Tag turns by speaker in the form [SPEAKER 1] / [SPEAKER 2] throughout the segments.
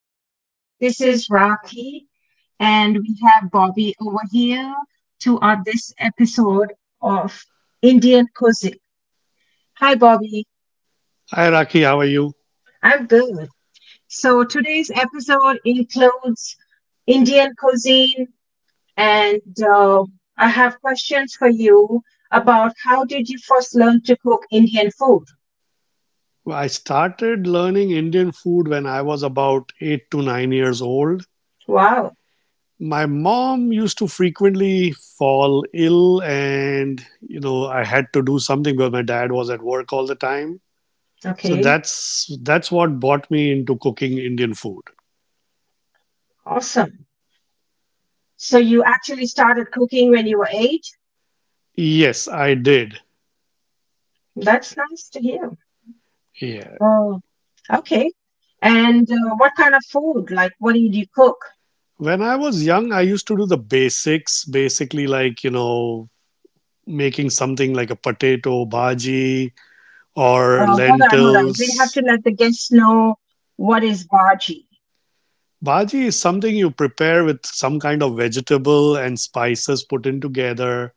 [SPEAKER 1] everyone, this is Rocky, and we have Bobby over here to on this episode of Indian Cuisine. Hi Bobby,
[SPEAKER 2] Hi Raki, how are you?
[SPEAKER 1] I'm good. So today's episode includes Indian cuisine, and I have questions for you about how did you first learn to cook Indian food?
[SPEAKER 2] I started learning Indian food when I was about 8 to 9 years old.
[SPEAKER 1] Wow,
[SPEAKER 2] My mom used to frequently fall ill, and I had to do something because my dad was at work all the time. So
[SPEAKER 1] okay,
[SPEAKER 2] that's what brought me into cooking Indian food.
[SPEAKER 1] awesome. So you actually started cooking when you were eight?
[SPEAKER 2] Yes, I did.
[SPEAKER 1] That's nice to hear.
[SPEAKER 2] Yeah.
[SPEAKER 1] Oh, okay. And what kind of food? Like, what did you cook?
[SPEAKER 2] When I was young, I used to do the basics, basically, like, making something like a potato bhaji or
[SPEAKER 1] Hold on, hold on. We'd have to
[SPEAKER 2] lentils.
[SPEAKER 1] let the guests know what is bhaji.
[SPEAKER 2] Bhaji is something you prepare with some kind of vegetable and spices put in together.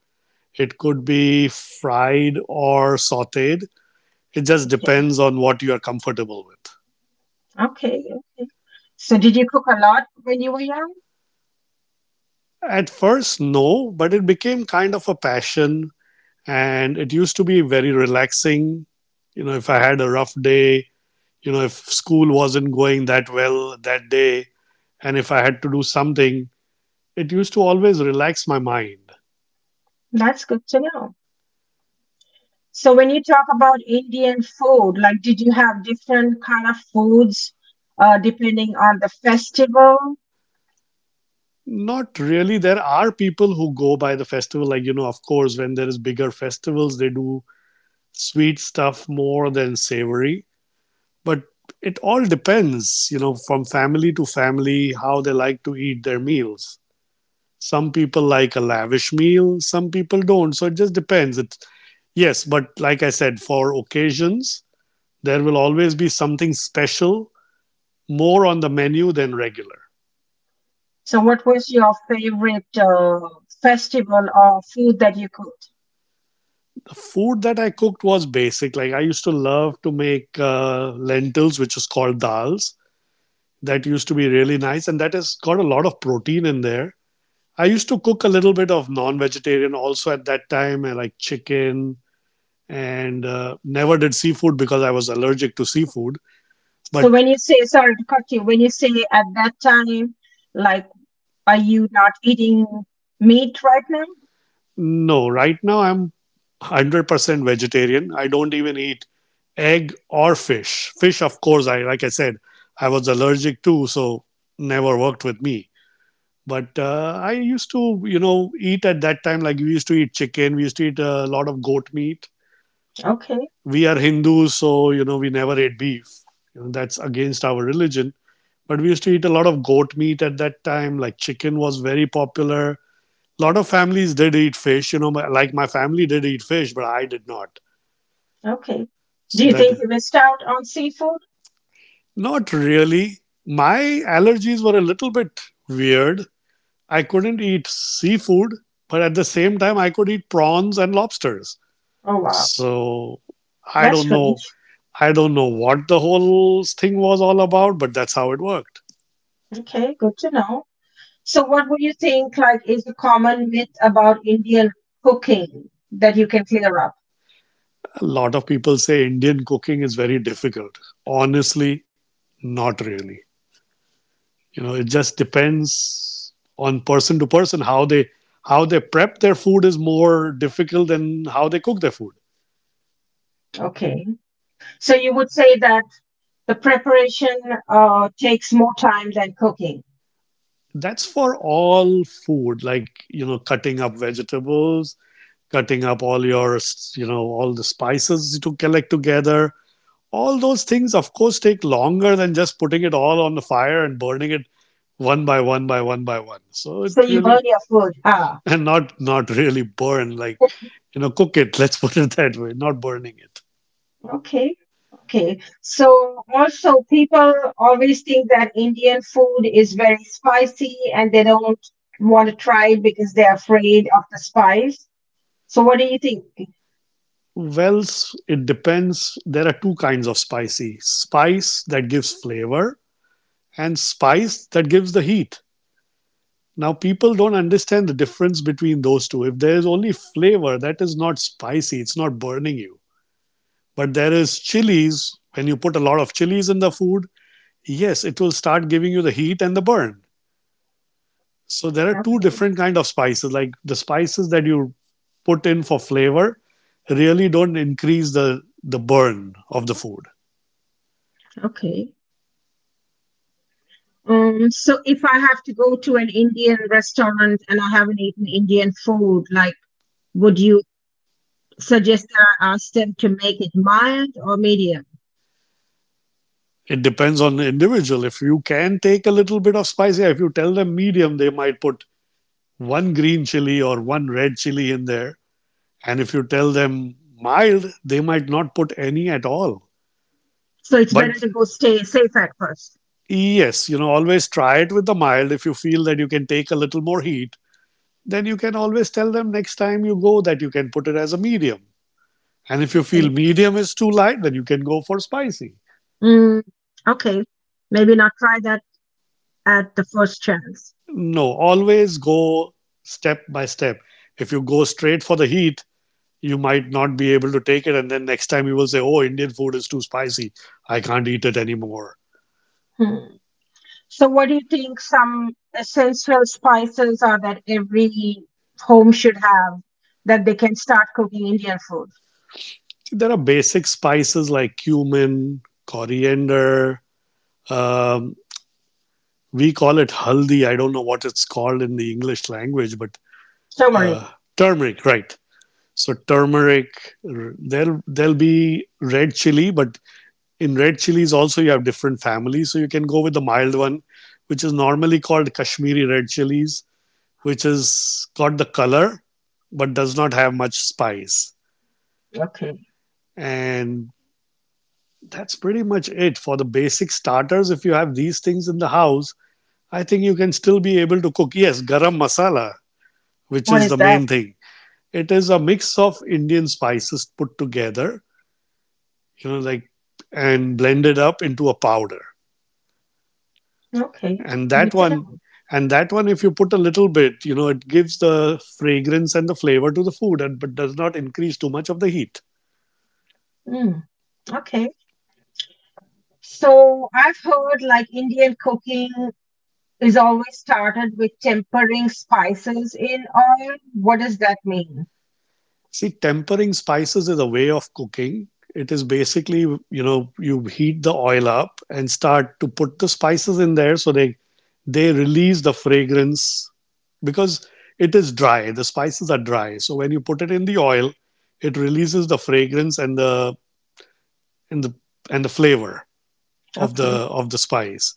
[SPEAKER 2] It could be fried or sauteed. It just
[SPEAKER 1] Okay,
[SPEAKER 2] depends on what you are comfortable with.
[SPEAKER 1] okay, okay. So, did you cook a lot when you were young?
[SPEAKER 2] At first, no, but it became kind of a passion, and it used to be very relaxing. If I had a rough day, if school wasn't going that well that day, and if I had to do something, it used to always relax my mind.
[SPEAKER 1] That's good to know. So, when you talk about Indian food, like, did you have different kind of foods depending on the festival?
[SPEAKER 2] Not really. There are people who go by the festival. Like, of course, when there is bigger festivals, they do sweet stuff more than savory. But it all depends, from family to family, how they like to eat their meals. Some people like a lavish meal, some people don't. So it just depends. Yes, but like I said, for occasions, there will always be something special more on the menu than regular.
[SPEAKER 1] So, what was your favorite festival or food that you cooked?
[SPEAKER 2] The food that I cooked was basic. Like, I used to love to make lentils, which is called dals. That used to be really nice, and that has got a lot of protein in there. I used to cook a little bit of non-vegetarian also at that time. I like chicken, and never did seafood because I was allergic to seafood.
[SPEAKER 1] So
[SPEAKER 2] But
[SPEAKER 1] when you say, sorry to cut you, when you say at that time, like, are you not eating meat right now?
[SPEAKER 2] no, right now I'm 100% vegetarian. I don't even eat egg or fish. Fish, of course, I, like I said, I was allergic to, so never worked with me. But I used to, eat at that time. Like, we used to eat chicken. We used to eat a lot of goat meat.
[SPEAKER 1] Okay,
[SPEAKER 2] We are Hindus, so we never ate beef. That's against our religion. But we used to eat a lot of goat meat at that time. Like, chicken was very popular. A lot of families did eat fish. Like, my family did eat fish, but I did not.
[SPEAKER 1] okay. Do
[SPEAKER 2] So
[SPEAKER 1] you
[SPEAKER 2] that
[SPEAKER 1] think you missed out on seafood?
[SPEAKER 2] Not really. My allergies were a little bit weird. I couldn't eat seafood, but at the same time, I could eat prawns and lobsters.
[SPEAKER 1] Oh, wow.
[SPEAKER 2] So I
[SPEAKER 1] That's
[SPEAKER 2] don't know.
[SPEAKER 1] strange.
[SPEAKER 2] I don't know what the whole thing was all about, but that's how it worked.
[SPEAKER 1] Okay, good to know. So, what would you think like is the common myth about Indian cooking that you can clear up?
[SPEAKER 2] A lot of people say Indian cooking is very difficult. Honestly, not really. It just depends on person to person, how they prep their food is more difficult than how they cook their food.
[SPEAKER 1] Okay. So, you would say that the preparation takes more time than cooking.
[SPEAKER 2] That's for all food, like, cutting up vegetables, cutting up all your, all the spices to collect together. All those things, of course, take longer than just putting it all on the fire and burning it one by one by one by one. So
[SPEAKER 1] So
[SPEAKER 2] it
[SPEAKER 1] you burn
[SPEAKER 2] really,
[SPEAKER 1] your food. Ah,
[SPEAKER 2] and not, not really burn, like, cook it, let's put it that way, not burning it.
[SPEAKER 1] okay. Okay. So also people always think that Indian food is very spicy and they don't want to try it because they're afraid of the spice. So what do you think?
[SPEAKER 2] Wells, it depends. There are two kinds of spicy: spice that gives flavor, and spice that gives the heat. Now, people don't understand the difference between those two. If there is only flavor, that is not spicy, it's not burning you. But there is chilies. When you put a lot of chilies in the food, yes, it will start giving you the heat and the burn. So there are two
[SPEAKER 1] Okay,
[SPEAKER 2] different kind of spices. Like, the spices that you put in for flavor really don't increase the burn of the food.
[SPEAKER 1] okay. So if I have to go to an Indian restaurant and I haven't eaten Indian food, like would you suggest that I ask them to make it mild or medium?
[SPEAKER 2] It depends on the individual. If you can take a little bit of spice, yeah, if you tell them medium, they might put one green chili or one red chili in there. And if you tell them mild, they might not put any at all.
[SPEAKER 1] So it's better
[SPEAKER 2] But
[SPEAKER 1] to go stay safe at first.
[SPEAKER 2] yes, always try it with the mild. If you feel that you can take a little more heat, then you can always tell them next time you go that you can put it as a medium. And if you feel
[SPEAKER 1] Okay.
[SPEAKER 2] medium is too light, then you can go for spicy.
[SPEAKER 1] Mm, okay, maybe not try that at the first chance.
[SPEAKER 2] No, always go step by step. If you go straight for the heat, you might not be able to take it. And then next time you will say, oh, Indian food is too spicy. I can't eat it anymore.
[SPEAKER 1] Hmm. So, what do you think some essential spices are that every home should have that they can start cooking Indian food?
[SPEAKER 2] See, there are basic spices like cumin, coriander, um, we call it haldi. I don't know what it's called in the English language, but
[SPEAKER 1] Turmeric.
[SPEAKER 2] uh, turmeric, right? So turmeric, there'll be red chili, but in red chilies also you have different families. So you can go with the mild one, which is normally called Kashmiri red chilies, which has got the color but does not have much spice.
[SPEAKER 1] Okay.
[SPEAKER 2] And that's pretty much it for the basic starters. If you have these things in the house, I think you can still be able to cook. Yes, garam masala, which
[SPEAKER 1] What
[SPEAKER 2] is the
[SPEAKER 1] is that?
[SPEAKER 2] main thing. It is a mix of Indian spices put together, like, and blended up into a powder.
[SPEAKER 1] Okay.
[SPEAKER 2] And
[SPEAKER 1] Good
[SPEAKER 2] that
[SPEAKER 1] to
[SPEAKER 2] one,
[SPEAKER 1] know.
[SPEAKER 2] and that one, if you put a little bit, it gives the fragrance and the flavor to the food, and but does not increase too much of the heat.
[SPEAKER 1] Mm, okay. So, I've heard like Indian cooking is always started with tempering spices in oil. What does that mean?
[SPEAKER 2] See, tempering spices is a way of cooking. It is basically, you heat the oil up and start to put the spices in there, so they release the fragrance, because it is dry. The spices are dry. So when you put it in the oil, it releases the fragrance and and the the flavor of the
[SPEAKER 1] Okay.
[SPEAKER 2] of the spice.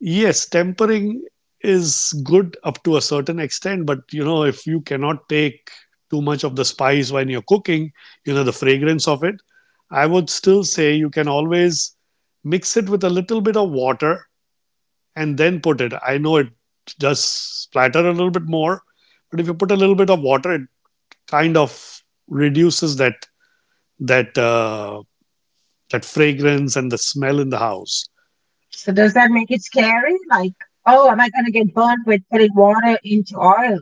[SPEAKER 2] Yes, tempering is good up to a certain extent, but if you cannot take too much of the spice when you're cooking, the fragrance of it, I would still say you can always mix it with a little bit of water and then put it. I know it does splatter a little bit more, but if you put a little bit of water, it kind of reduces that uh, that fragrance and the smell in the house.
[SPEAKER 1] So does that make it scary? Like, oh, am I going to get burnt with putting water into oil?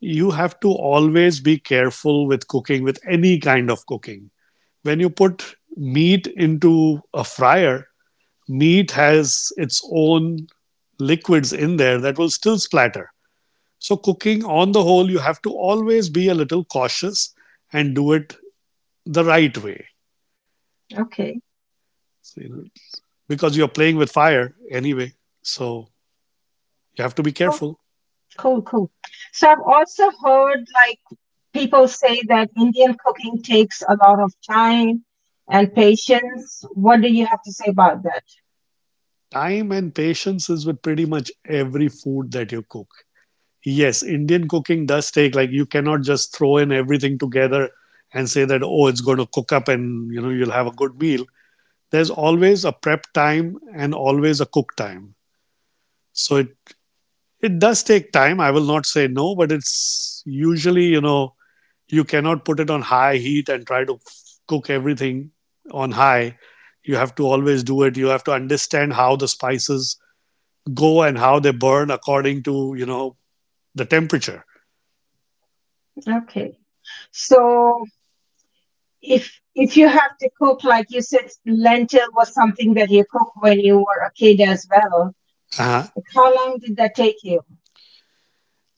[SPEAKER 2] You have to always be careful with cooking. With any kind of cooking, when you put meat into a fryer, meat has its own liquids in there that will still splatter. So cooking on the whole, you have to always be a little cautious and do it the right way.
[SPEAKER 1] Okay,
[SPEAKER 2] So, because you're playing with fire anyway, so you have to be
[SPEAKER 1] cool,
[SPEAKER 2] careful.
[SPEAKER 1] cool, cool. So I've also heard like people say that Indian cooking takes a lot of time and patience. What do you have to say about that?
[SPEAKER 2] Time and patience is with pretty much every food that you cook. Yes, Indian cooking does take, like, you cannot just throw in everything together and say that, oh, it's going to cook up and you'll have a good meal. There's always a prep time and always a cook time. So it does take time. I will not say no, but it's usually, you cannot put it on high heat and try to cook everything on high. You have to always do it. You have to understand how the spices go and how they burn according to, the temperature.
[SPEAKER 1] Okay. So if you have to cook, like you said, lentil was something that you cooked when you were a kid as well.
[SPEAKER 2] Uh,
[SPEAKER 1] How long did that take you?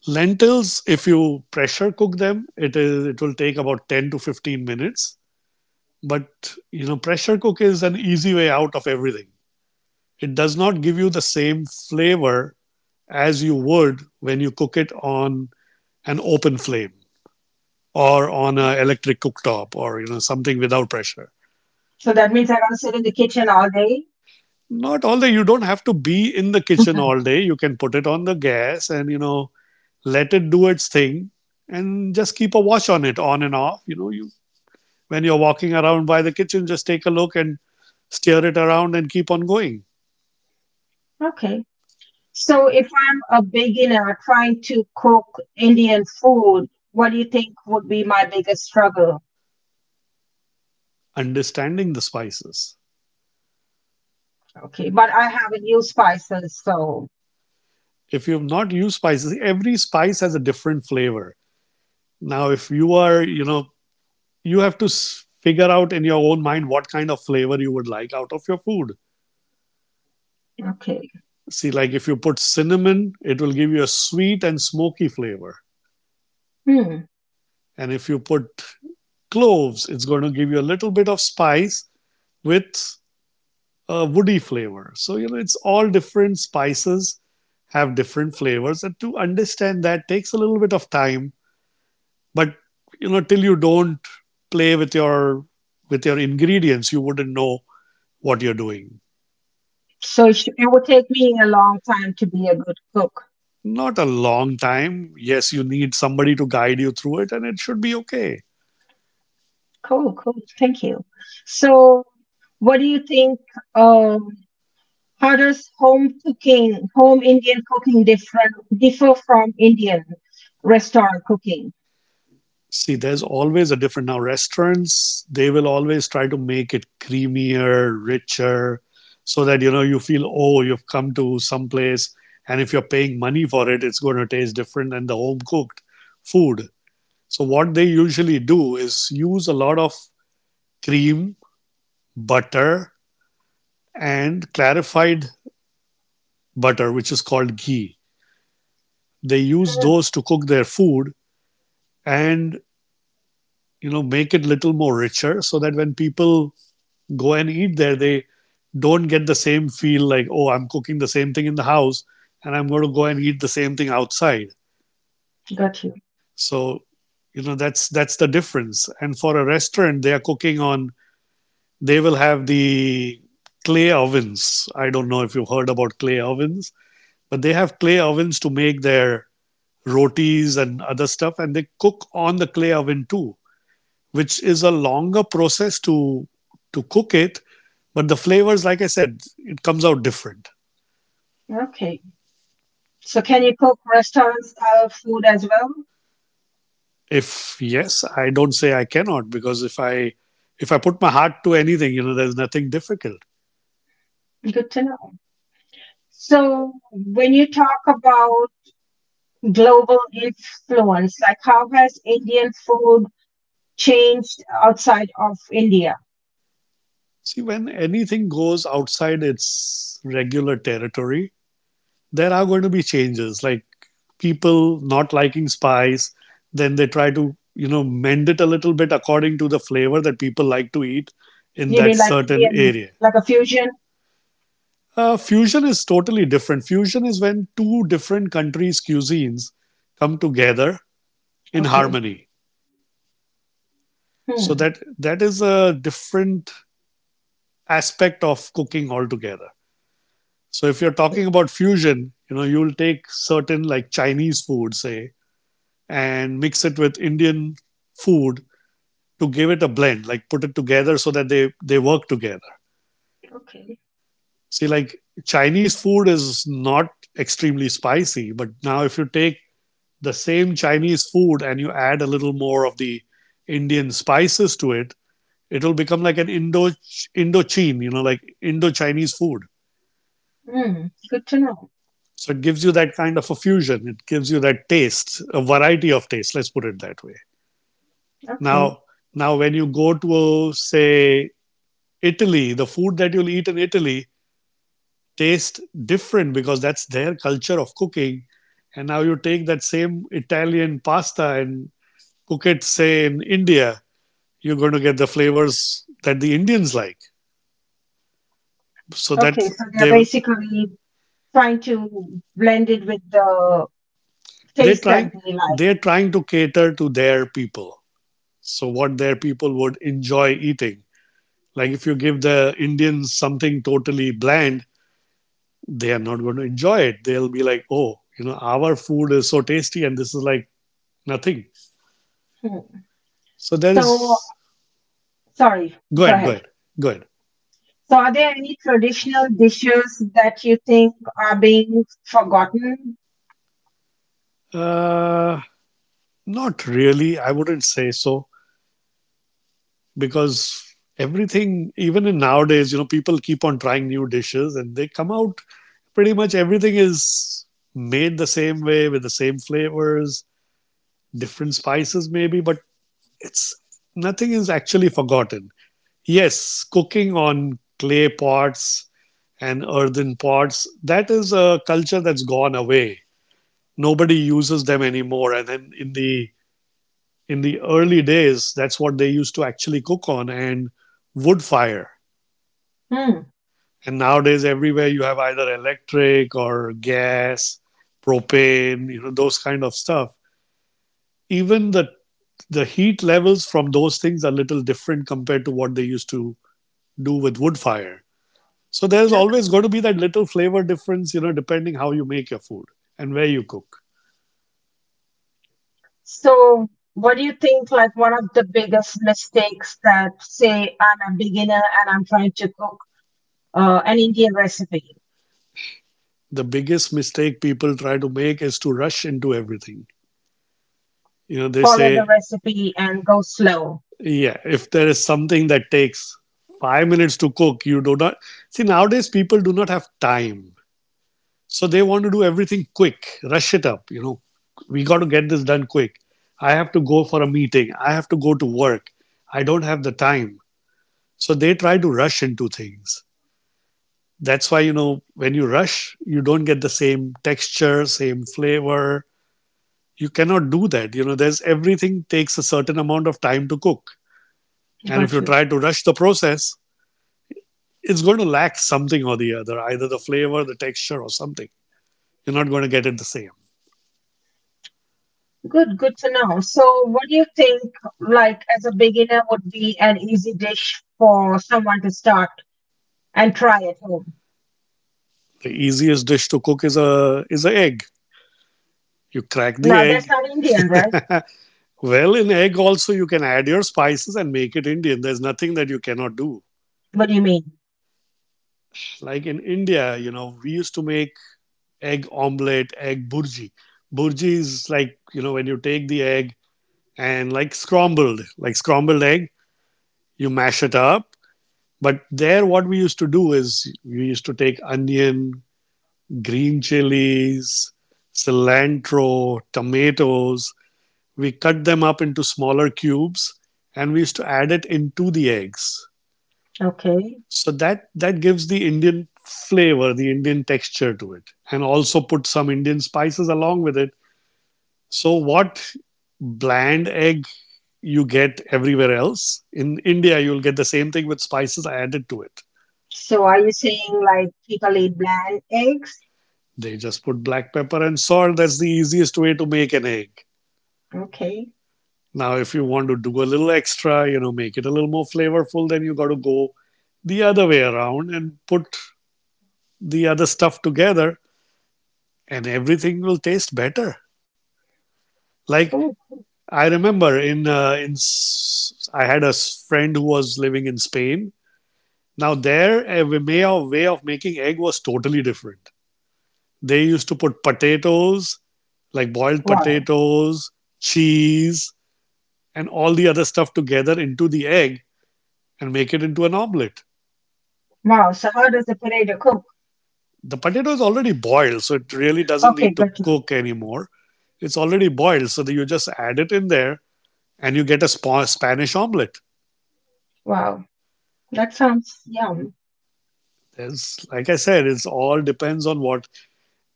[SPEAKER 2] Lentils, if you pressure cook them, it will take about 10 to 15 minutes. But pressure cook is an easy way out of everything. It does not give you the same flavor as you would when you cook it on an open flame or on an electric cooktop, or something without pressure.
[SPEAKER 1] So that means I gotta sit in the kitchen all day?
[SPEAKER 2] Not all day. You don't have to be in the kitchen all day. You can put it on the gas and let it do its thing, and just keep a watch on it on and off. You know, you When you're walking around by the kitchen, just take a look and stir it around and keep on going.
[SPEAKER 1] Okay. So if I'm a beginner trying to cook Indian food, what do you think would be my biggest struggle?
[SPEAKER 2] Understanding the spices.
[SPEAKER 1] Okay, but I haven't used spices, so
[SPEAKER 2] If you've not used spices, every spice has a different flavor. Now, if you are, you know, you have to figure out in your own mind what kind of flavor you would like out of your food.
[SPEAKER 1] okay.
[SPEAKER 2] See, like, if you put cinnamon, it will give you a sweet and smoky flavor.
[SPEAKER 1] Hmm.
[SPEAKER 2] And if you put cloves, it's going to give you a little bit of spice with woody flavor. So, it's all different spices have different flavors. And to understand that takes a little bit of time. But, till you don't play with your ingredients, you wouldn't know what you're doing.
[SPEAKER 1] So it would take me a long time to be a good cook.
[SPEAKER 2] Not a long time. Yes, you need somebody to guide you through it, and it should be okay.
[SPEAKER 1] Cool, cool. Thank you. So what do you think? Um, How does home cooking, home Indian cooking differ from Indian restaurant cooking?
[SPEAKER 2] See, there's always a different. Now, restaurants, they will always try to make it creamier, richer, so that, you know, you feel, oh, you've come to some place. And if you're paying money for it, it's going to taste different than the home cooked food. So, what they usually do is use a lot of cream, butter, and clarified butter, which is called ghee. They use
[SPEAKER 1] Mm,
[SPEAKER 2] those to cook their food and, you know, make it little more richer so that when people go and eat there, they don't get the same feel like, oh, I'm cooking the same thing in the house and I'm going to go and eat the same thing outside.
[SPEAKER 1] got you.
[SPEAKER 2] So, you know, that's the difference. And for a restaurant, they are cooking on they will have the clay ovens. I don't know if you've heard about clay ovens, but they have clay ovens to make their rotis and other stuff and they cook on the clay oven too, which is a longer process to cook it, but the flavors, like I said, it comes out different.
[SPEAKER 1] Okay. So can you cook restaurant style food as well?
[SPEAKER 2] If yes, I don't say I cannot, because if I put my heart to anything, you know, there's nothing difficult.
[SPEAKER 1] Good to know. So when you talk about global influence? Like, how has Indian food changed outside of India?
[SPEAKER 2] See, when anything goes outside its regular territory, there are going to be changes, like people not liking spice, then they try to, you know, mend it a little bit according to the flavor that people like to eat in
[SPEAKER 1] You
[SPEAKER 2] that
[SPEAKER 1] mean like
[SPEAKER 2] certain
[SPEAKER 1] Indian,
[SPEAKER 2] area.
[SPEAKER 1] like a fusion?
[SPEAKER 2] Fusion is totally different. Fusion is when two different countries' cuisines come together in
[SPEAKER 1] Okay.
[SPEAKER 2] harmony. So
[SPEAKER 1] Hmm.
[SPEAKER 2] that is a different aspect of cooking altogether. So if you're
[SPEAKER 1] Okay.
[SPEAKER 2] talking about fusion, you know, you'll take certain like Chinese food, say, and mix it with Indian food to give it a blend, like put it together so that they work together.
[SPEAKER 1] Okay.
[SPEAKER 2] See, like Chinese food is not extremely spicy, but now if you take the same Chinese food and you add a little more of the Indian spices to it, it'll become like an Indo Indochine, you know, like Indo Chinese food.
[SPEAKER 1] Hmm. Good to know.
[SPEAKER 2] So it gives you that kind of a fusion. It gives you that taste, a variety of taste. Let's put it that way. Now,
[SPEAKER 1] Okay.
[SPEAKER 2] now when you go to say, Italy, the food that you'll eat in Italy tastes different because that's their culture of cooking. And now you take that same Italian pasta and cook it, say, in India, you're going to get the flavors that the Indians like. So that
[SPEAKER 1] Okay. So they're
[SPEAKER 2] they will
[SPEAKER 1] basically trying to blend it with the
[SPEAKER 2] they
[SPEAKER 1] taste that
[SPEAKER 2] trying
[SPEAKER 1] they like.
[SPEAKER 2] they're trying to cater to their people. So what their people would enjoy eating. Like if you give the Indians something totally bland, they are not going to enjoy it. They'll be like, oh, you know, our food is so tasty and this is like nothing.
[SPEAKER 1] Hmm.
[SPEAKER 2] So there
[SPEAKER 1] So,
[SPEAKER 2] is
[SPEAKER 1] sorry.
[SPEAKER 2] go
[SPEAKER 1] Go
[SPEAKER 2] ahead, go
[SPEAKER 1] ahead.
[SPEAKER 2] ahead, go ahead.
[SPEAKER 1] So, are there any traditional dishes that you think are being forgotten?
[SPEAKER 2] Uh, Not really. I wouldn't say so, because everything, even in nowadays, you know, people keep on trying new dishes and they come out, pretty much everything is made the same way with the same flavors, different spices maybe, but it's nothing is actually forgotten. Yes, cooking on clay pots and earthen pots, that is a culture that's gone away. Nobody uses them anymore. And then in the early days, that's what they used to actually cook on, and wood fire.
[SPEAKER 1] Hmm.
[SPEAKER 2] And nowadays, everywhere you have either electric or gas, propane, you know, those kind of stuff. Even the heat levels from those things are little different compared to what they used to do with wood fire. So there's always going to be that little flavor difference, you know, depending how you make your food and where you cook.
[SPEAKER 1] So, what do you think, like, one of the biggest mistakes that, say, I'm a beginner and I'm trying to cook an Indian recipe?
[SPEAKER 2] The biggest mistake people try to make is to rush into everything. You know, they
[SPEAKER 1] Follow the
[SPEAKER 2] say,
[SPEAKER 1] recipe and go slow.
[SPEAKER 2] yeah, if there is something that takes 5 minutes to cook, you do not see nowadays people do not have time. So they want to do everything quick, rush it up. You know, we got to get this done quick. I have to go for a meeting. I have to go to work. I don't have the time. So they try to rush into things. That's why, you know, when you rush, you don't get the same texture, same flavor. You cannot do that. You know, there's everything takes a certain amount of time to cook. And if
[SPEAKER 1] Got
[SPEAKER 2] you
[SPEAKER 1] you.
[SPEAKER 2] try to rush the process, it's going to lack something or the other, either the flavor, the texture, or something. You're not going to get it the same.
[SPEAKER 1] Good, good to know. So, what do you think, like, as a beginner, would be an easy dish for someone to start and try at home?
[SPEAKER 2] The easiest dish to cook is a egg. You crack the
[SPEAKER 1] Now, that's
[SPEAKER 2] egg.
[SPEAKER 1] not Indian, right?
[SPEAKER 2] Well, in egg also you can add your spices and make it Indian. There's nothing that you cannot do.
[SPEAKER 1] What do you mean?
[SPEAKER 2] Like in India, you know, we used to make egg omelette, egg burji. Burji is like, you know, when you take the egg and like scrambled egg, you mash it up. But there, what we used to do is we used to take onion, green chilies, cilantro, tomatoes, we cut them up into smaller cubes and we used to add it into the eggs,
[SPEAKER 1] Okay.
[SPEAKER 2] so that that gives the Indian flavor, the Indian texture to it, and also put some Indian spices along with it. So what, bland egg you get everywhere else, in India you'll get the same thing with spices added to it.
[SPEAKER 1] So, are you saying, like, people eat bland eggs?
[SPEAKER 2] They just put black pepper and salt, that's the easiest way to make an egg.
[SPEAKER 1] Okay,
[SPEAKER 2] Now, if you want to do a little extra, you know, make it a little more flavorful, then you got to go the other way around and put the other stuff together, and everything will taste better. Like,
[SPEAKER 1] cool.
[SPEAKER 2] I remember in I had a friend who was living in Spain. Now their way of making egg was totally different. They used to put potatoes, like boiled
[SPEAKER 1] Wow.
[SPEAKER 2] potatoes, cheese, and all the other stuff together into the egg and make it into an omelet.
[SPEAKER 1] Wow. So how does the potato cook?
[SPEAKER 2] The potato is already boiled, so it really doesn't
[SPEAKER 1] Okay,
[SPEAKER 2] need to
[SPEAKER 1] got you.
[SPEAKER 2] cook anymore. It's already boiled, so that you just add it in there and you get a Spanish omelet.
[SPEAKER 1] Wow. That sounds yum.
[SPEAKER 2] There's, like I said, it's all depends on what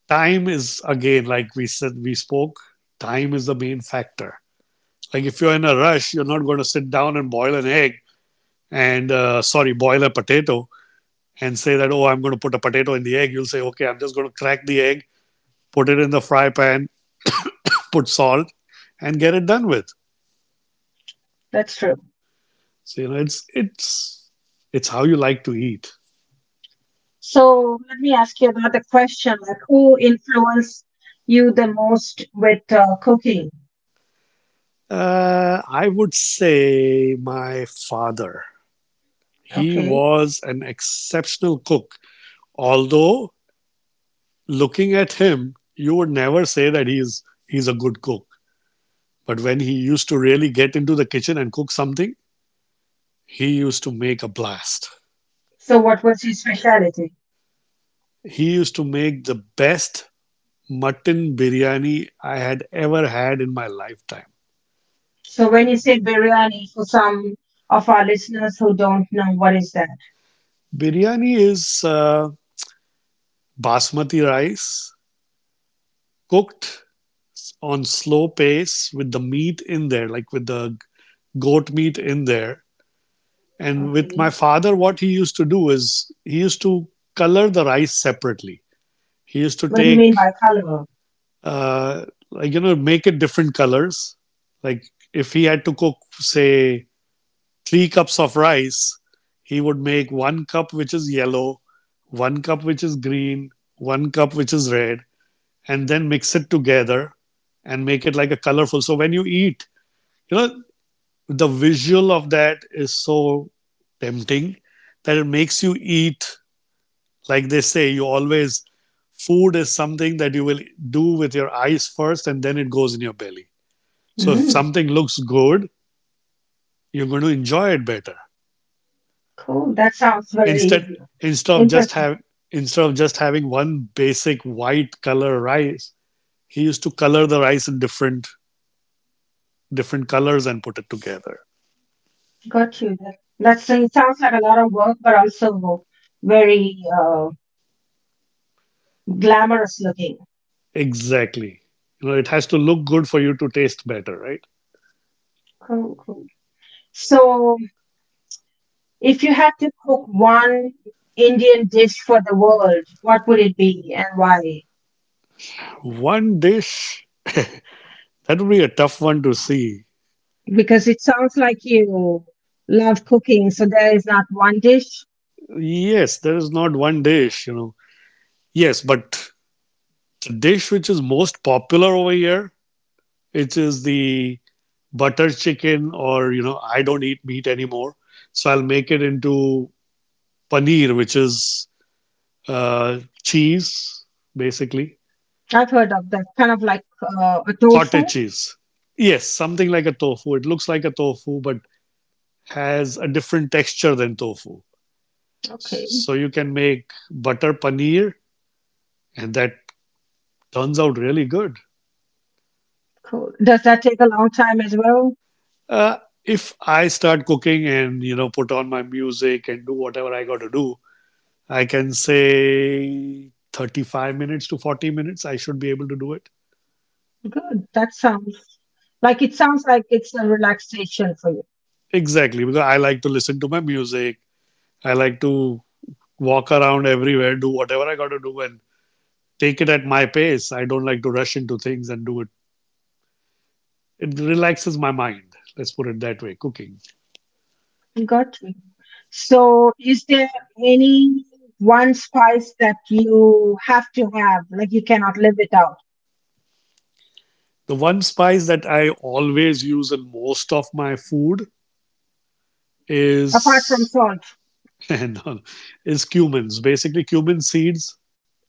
[SPEAKER 2] time is. Again, like we said, we spoke, time is the main factor. Like if you're in a rush, you're not going to sit down and boil an egg and sorry, boil a potato and say that, oh, I'm going to put a potato in the egg. You'll say, okay, I'm just going to crack the egg, put it in the fry pan, put salt, and get it done with.
[SPEAKER 1] That's true.
[SPEAKER 2] So you know, it's how you like to eat.
[SPEAKER 1] So let me ask you another question. Like who influenced you the most with cooking?
[SPEAKER 2] I would say my father. He
[SPEAKER 1] Okay.
[SPEAKER 2] was an exceptional cook. Although, looking at him, you would never say that he's a good cook. But when he used to really get into the kitchen and cook something, he used to make a blast.
[SPEAKER 1] So what was his specialty?
[SPEAKER 2] He used to make the best mutton biryani I had ever had in my lifetime.
[SPEAKER 1] So when you say biryani, for some of our listeners who don't know, what is that?
[SPEAKER 2] Biryani is basmati rice cooked on slow pace with the meat in there, like with the goat meat in there. And with
[SPEAKER 1] Okay.
[SPEAKER 2] my father, what he used to do is he used to color the rice separately. He used to
[SPEAKER 1] What do you mean
[SPEAKER 2] take,
[SPEAKER 1] by color?
[SPEAKER 2] uh, like, you know, make it different colors. Like, if he had to cook, say, 3 cups of rice, he would make one cup which is yellow, one cup which is green, one cup which is red, and then mix it together and make it like a colorful. So when you eat, you know, the visual of that is so tempting that it makes you eat, like they say, you always, food is something that you will do with your eyes first and then it goes in your belly. So if
[SPEAKER 1] Mm,
[SPEAKER 2] something looks good, you're going to enjoy it better.
[SPEAKER 1] cool. That sounds very
[SPEAKER 2] instead instead of just
[SPEAKER 1] interesting.
[SPEAKER 2] have instead of just having one basic white color rice, he used to color the rice in different colors and put it together.
[SPEAKER 1] Got you there. That's it sounds like a lot of work, but also very glamorous looking.
[SPEAKER 2] Exactly, you know, it has to look good for you to taste better, right?
[SPEAKER 1] Cool, cool. So, if you had to cook one Indian dish for the world, what would it be and why?
[SPEAKER 2] One dish, that would be a tough one to see.
[SPEAKER 1] Because it sounds like you love cooking, so there is not one dish.
[SPEAKER 2] Yes, there is not one dish, you know. Yes, but the dish which is most popular over here, which is the butter chicken, or you know, I don't eat meat anymore, so I'll make it into paneer, which is cheese, basically
[SPEAKER 1] I've heard of that, kind of like a tofu.
[SPEAKER 2] cottage cheese. Yes, something like a tofu. It looks like a tofu, but has a different texture than tofu.
[SPEAKER 1] Okay,
[SPEAKER 2] So you can make butter paneer and that turns out really good.
[SPEAKER 1] cool. Does that take a long time as well?
[SPEAKER 2] Uh, if I start cooking and you know put on my music and do whatever I got to do, I can say 35 minutes to 40 minutes I should be able to do it.
[SPEAKER 1] Good. That sounds like it sounds like it's a relaxation for you.
[SPEAKER 2] Exactly, because I like to listen to my music. I like to walk around everywhere, do whatever I got to do and take it at my pace. I don't like to rush into things and do it. It relaxes my mind. Let's put it that way, cooking.
[SPEAKER 1] Got you. So, is there any one spice that you have to have, like you cannot live without,
[SPEAKER 2] The one spice that I always use in most of my food
[SPEAKER 1] apart from
[SPEAKER 2] is
[SPEAKER 1] salt?
[SPEAKER 2] no, is cumins. Basically, cumin seeds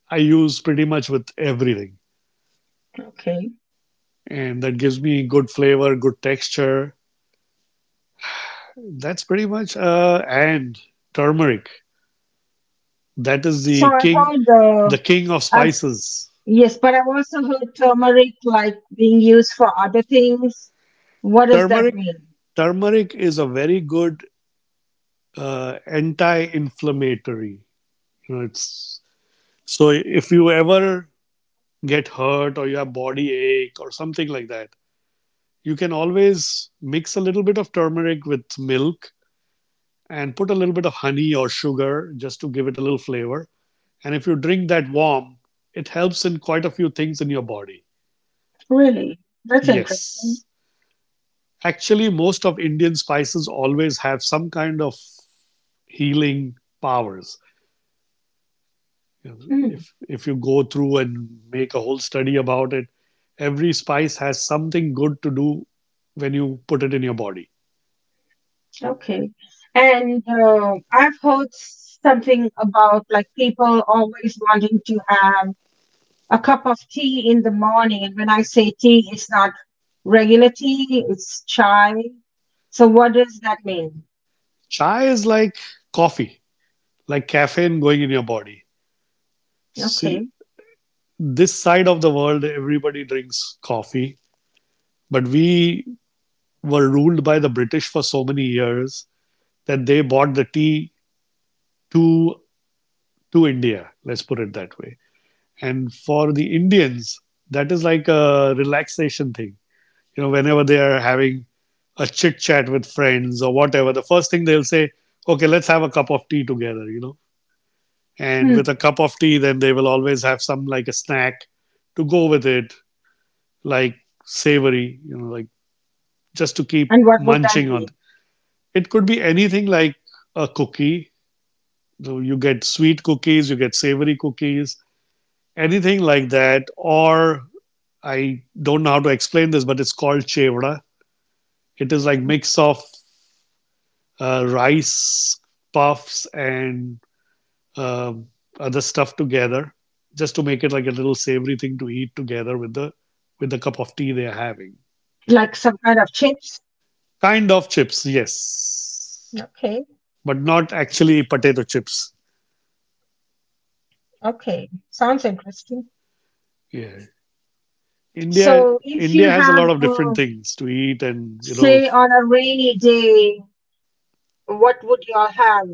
[SPEAKER 2] I use pretty much with everything,
[SPEAKER 1] Okay.
[SPEAKER 2] and that gives me good flavor, good texture. That's pretty much and turmeric. That is
[SPEAKER 1] So I've heard,
[SPEAKER 2] the king of
[SPEAKER 1] I've
[SPEAKER 2] spices.
[SPEAKER 1] yes, but I've also heard turmeric like being used for other things. What does that
[SPEAKER 2] Turmeric,
[SPEAKER 1] mean?
[SPEAKER 2] turmeric is a very good anti-inflammatory. You know, it's so if you ever get hurt or you have body ache or something like that, you can always mix a little bit of turmeric with milk and put a little bit of honey or sugar just to give it a little flavor. And if you drink that warm, it helps in quite a few things in your body.
[SPEAKER 1] Really? That's interesting.
[SPEAKER 2] Yes. Actually, most of Indian spices always have some kind of healing powers. You know,
[SPEAKER 1] Mm.
[SPEAKER 2] if you go through and make a whole study about it, every spice has something good to do when you put it in your body.
[SPEAKER 1] Okay. And I've heard something about like people always wanting to have a cup of tea in the morning. And when I say tea, it's not regular tea, it's chai. So what does that mean?
[SPEAKER 2] Chai is like coffee, like caffeine going in your body. See,
[SPEAKER 1] Okay.
[SPEAKER 2] this side of the world, everybody drinks coffee, but we were ruled by the British for so many years that they brought the tea to to India. Let's put it that way. And for the Indians, that is like a relaxation thing. You know, whenever they are having a chit chat with friends or whatever, the first thing they'll say, okay, let's have a cup of tea together, you know. And
[SPEAKER 1] Hmm.
[SPEAKER 2] with a cup of tea, then they will always have some like a snack to go with it, like savory, you know, like just to keep
[SPEAKER 1] And what would that
[SPEAKER 2] munching on.
[SPEAKER 1] be?
[SPEAKER 2] It could be anything like a cookie. So you get sweet cookies, you get savory cookies, anything like that. Or I don't know how to explain this, but it's called chevda. It is like mix of rice puffs and um, other stuff together just to make it like a little savory thing to eat together with the cup of tea they're having.
[SPEAKER 1] Like some kind of chips?
[SPEAKER 2] Kind of chips, yes,
[SPEAKER 1] Okay.
[SPEAKER 2] but not actually potato chips.
[SPEAKER 1] Okay. Sounds interesting.
[SPEAKER 2] Yeah. india
[SPEAKER 1] So if you
[SPEAKER 2] india has a
[SPEAKER 1] have,
[SPEAKER 2] lot of different things to eat and you know
[SPEAKER 1] say,
[SPEAKER 2] if-
[SPEAKER 1] on a rainy day, what would y'all have?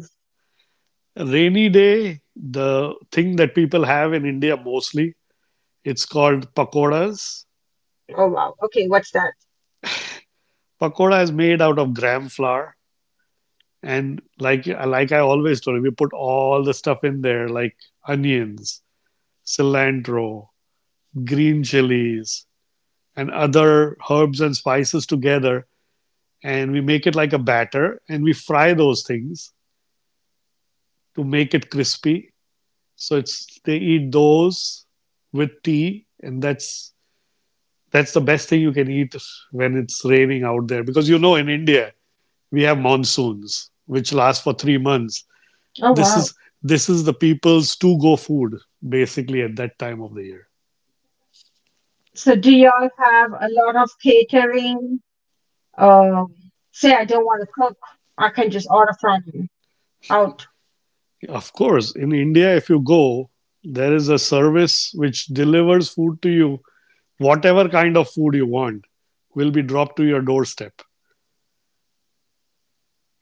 [SPEAKER 2] a rainy day, the thing that people have in India mostly, it's called pakoras.
[SPEAKER 1] Oh, wow. Okay. What's that?
[SPEAKER 2] Pakoda is made out of gram flour. And like I always told you, we put all the stuff in there, like onions, cilantro, green chilies, and other herbs and spices together, and we make it like a batter, and we fry those things to make it crispy. So it's they eat those with tea, and that's the best thing you can eat when it's raining out there, because you know in India we have monsoons which last for 3 months.
[SPEAKER 1] Oh,
[SPEAKER 2] this
[SPEAKER 1] wow.
[SPEAKER 2] is this is the people's to go food basically at that time of the year.
[SPEAKER 1] So do y'all have a lot of catering? Um, say I don't want to cook. I can just order from out.
[SPEAKER 2] Of course in India, if you go, there is a service which delivers food to you. Whatever kind of food you want will be dropped to your doorstep.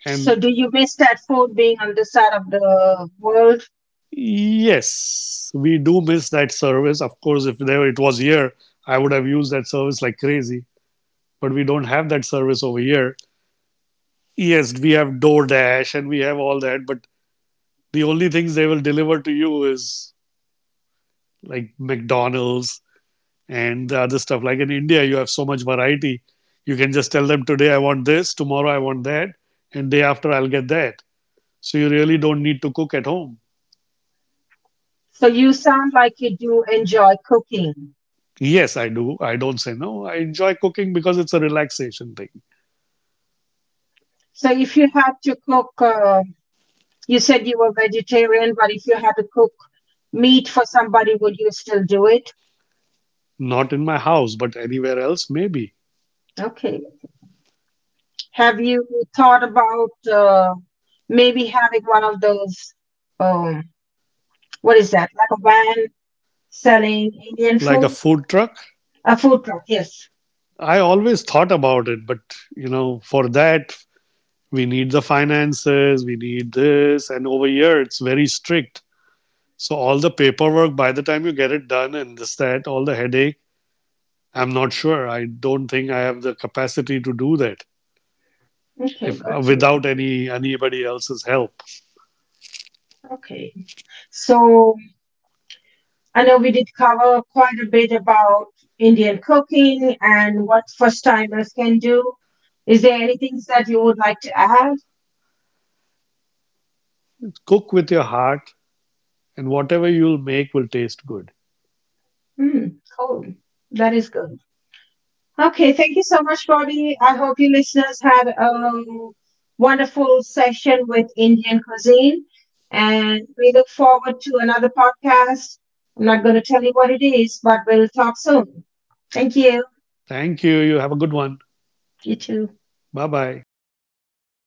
[SPEAKER 1] So,
[SPEAKER 2] And
[SPEAKER 1] do you miss that food being on this side of the world?
[SPEAKER 2] yes, we do miss that service. Of course, if there it was here, I would have used that service like crazy, but we don't have that service over here. Yes, we have DoorDash and we have all that, but the only things they will deliver to you is like McDonald's and the other stuff. Like in India, you have so much variety. You can just tell them today I want this, tomorrow I want that, and day after I'll get that. So you really don't need to cook at home.
[SPEAKER 1] So, you sound like you do enjoy cooking.
[SPEAKER 2] Yes, I do. I don't say no. I enjoy cooking because it's a relaxation thing.
[SPEAKER 1] So, if you had to cook, you said you were vegetarian, but if you had to cook meat for somebody, would you still do it?
[SPEAKER 2] Not in my house, but anywhere else, maybe.
[SPEAKER 1] Okay. Have you thought about maybe having one of those, um, what is that, like a van selling Indian
[SPEAKER 2] Like a
[SPEAKER 1] food?
[SPEAKER 2] food truck.
[SPEAKER 1] A food truck, yes.
[SPEAKER 2] I always thought about it, but you know, for that, we need the finances, we need this. And over here, it's very strict. So all the paperwork, by the time you get it done and this, that, all the headache, I'm not sure. I don't think I have the capacity to do that
[SPEAKER 1] Okay,
[SPEAKER 2] if
[SPEAKER 1] got you. Got
[SPEAKER 2] without
[SPEAKER 1] you.
[SPEAKER 2] anybody else's help.
[SPEAKER 1] Okay. So, I know we did cover quite a bit about Indian cooking and what first timers can do. Is there anything that you would like to add?
[SPEAKER 2] Cook with your heart, and whatever you'll make will taste good.
[SPEAKER 1] Hmm, cool. That is good. Okay, thank you so much, Bobby. I hope you listeners had a wonderful session with Indian cuisine. And we look forward to another podcast. I'm not going to tell you what it is, but we'll talk soon. Thank you.
[SPEAKER 2] Thank you. You have a good one.
[SPEAKER 1] You too.
[SPEAKER 2] Bye bye.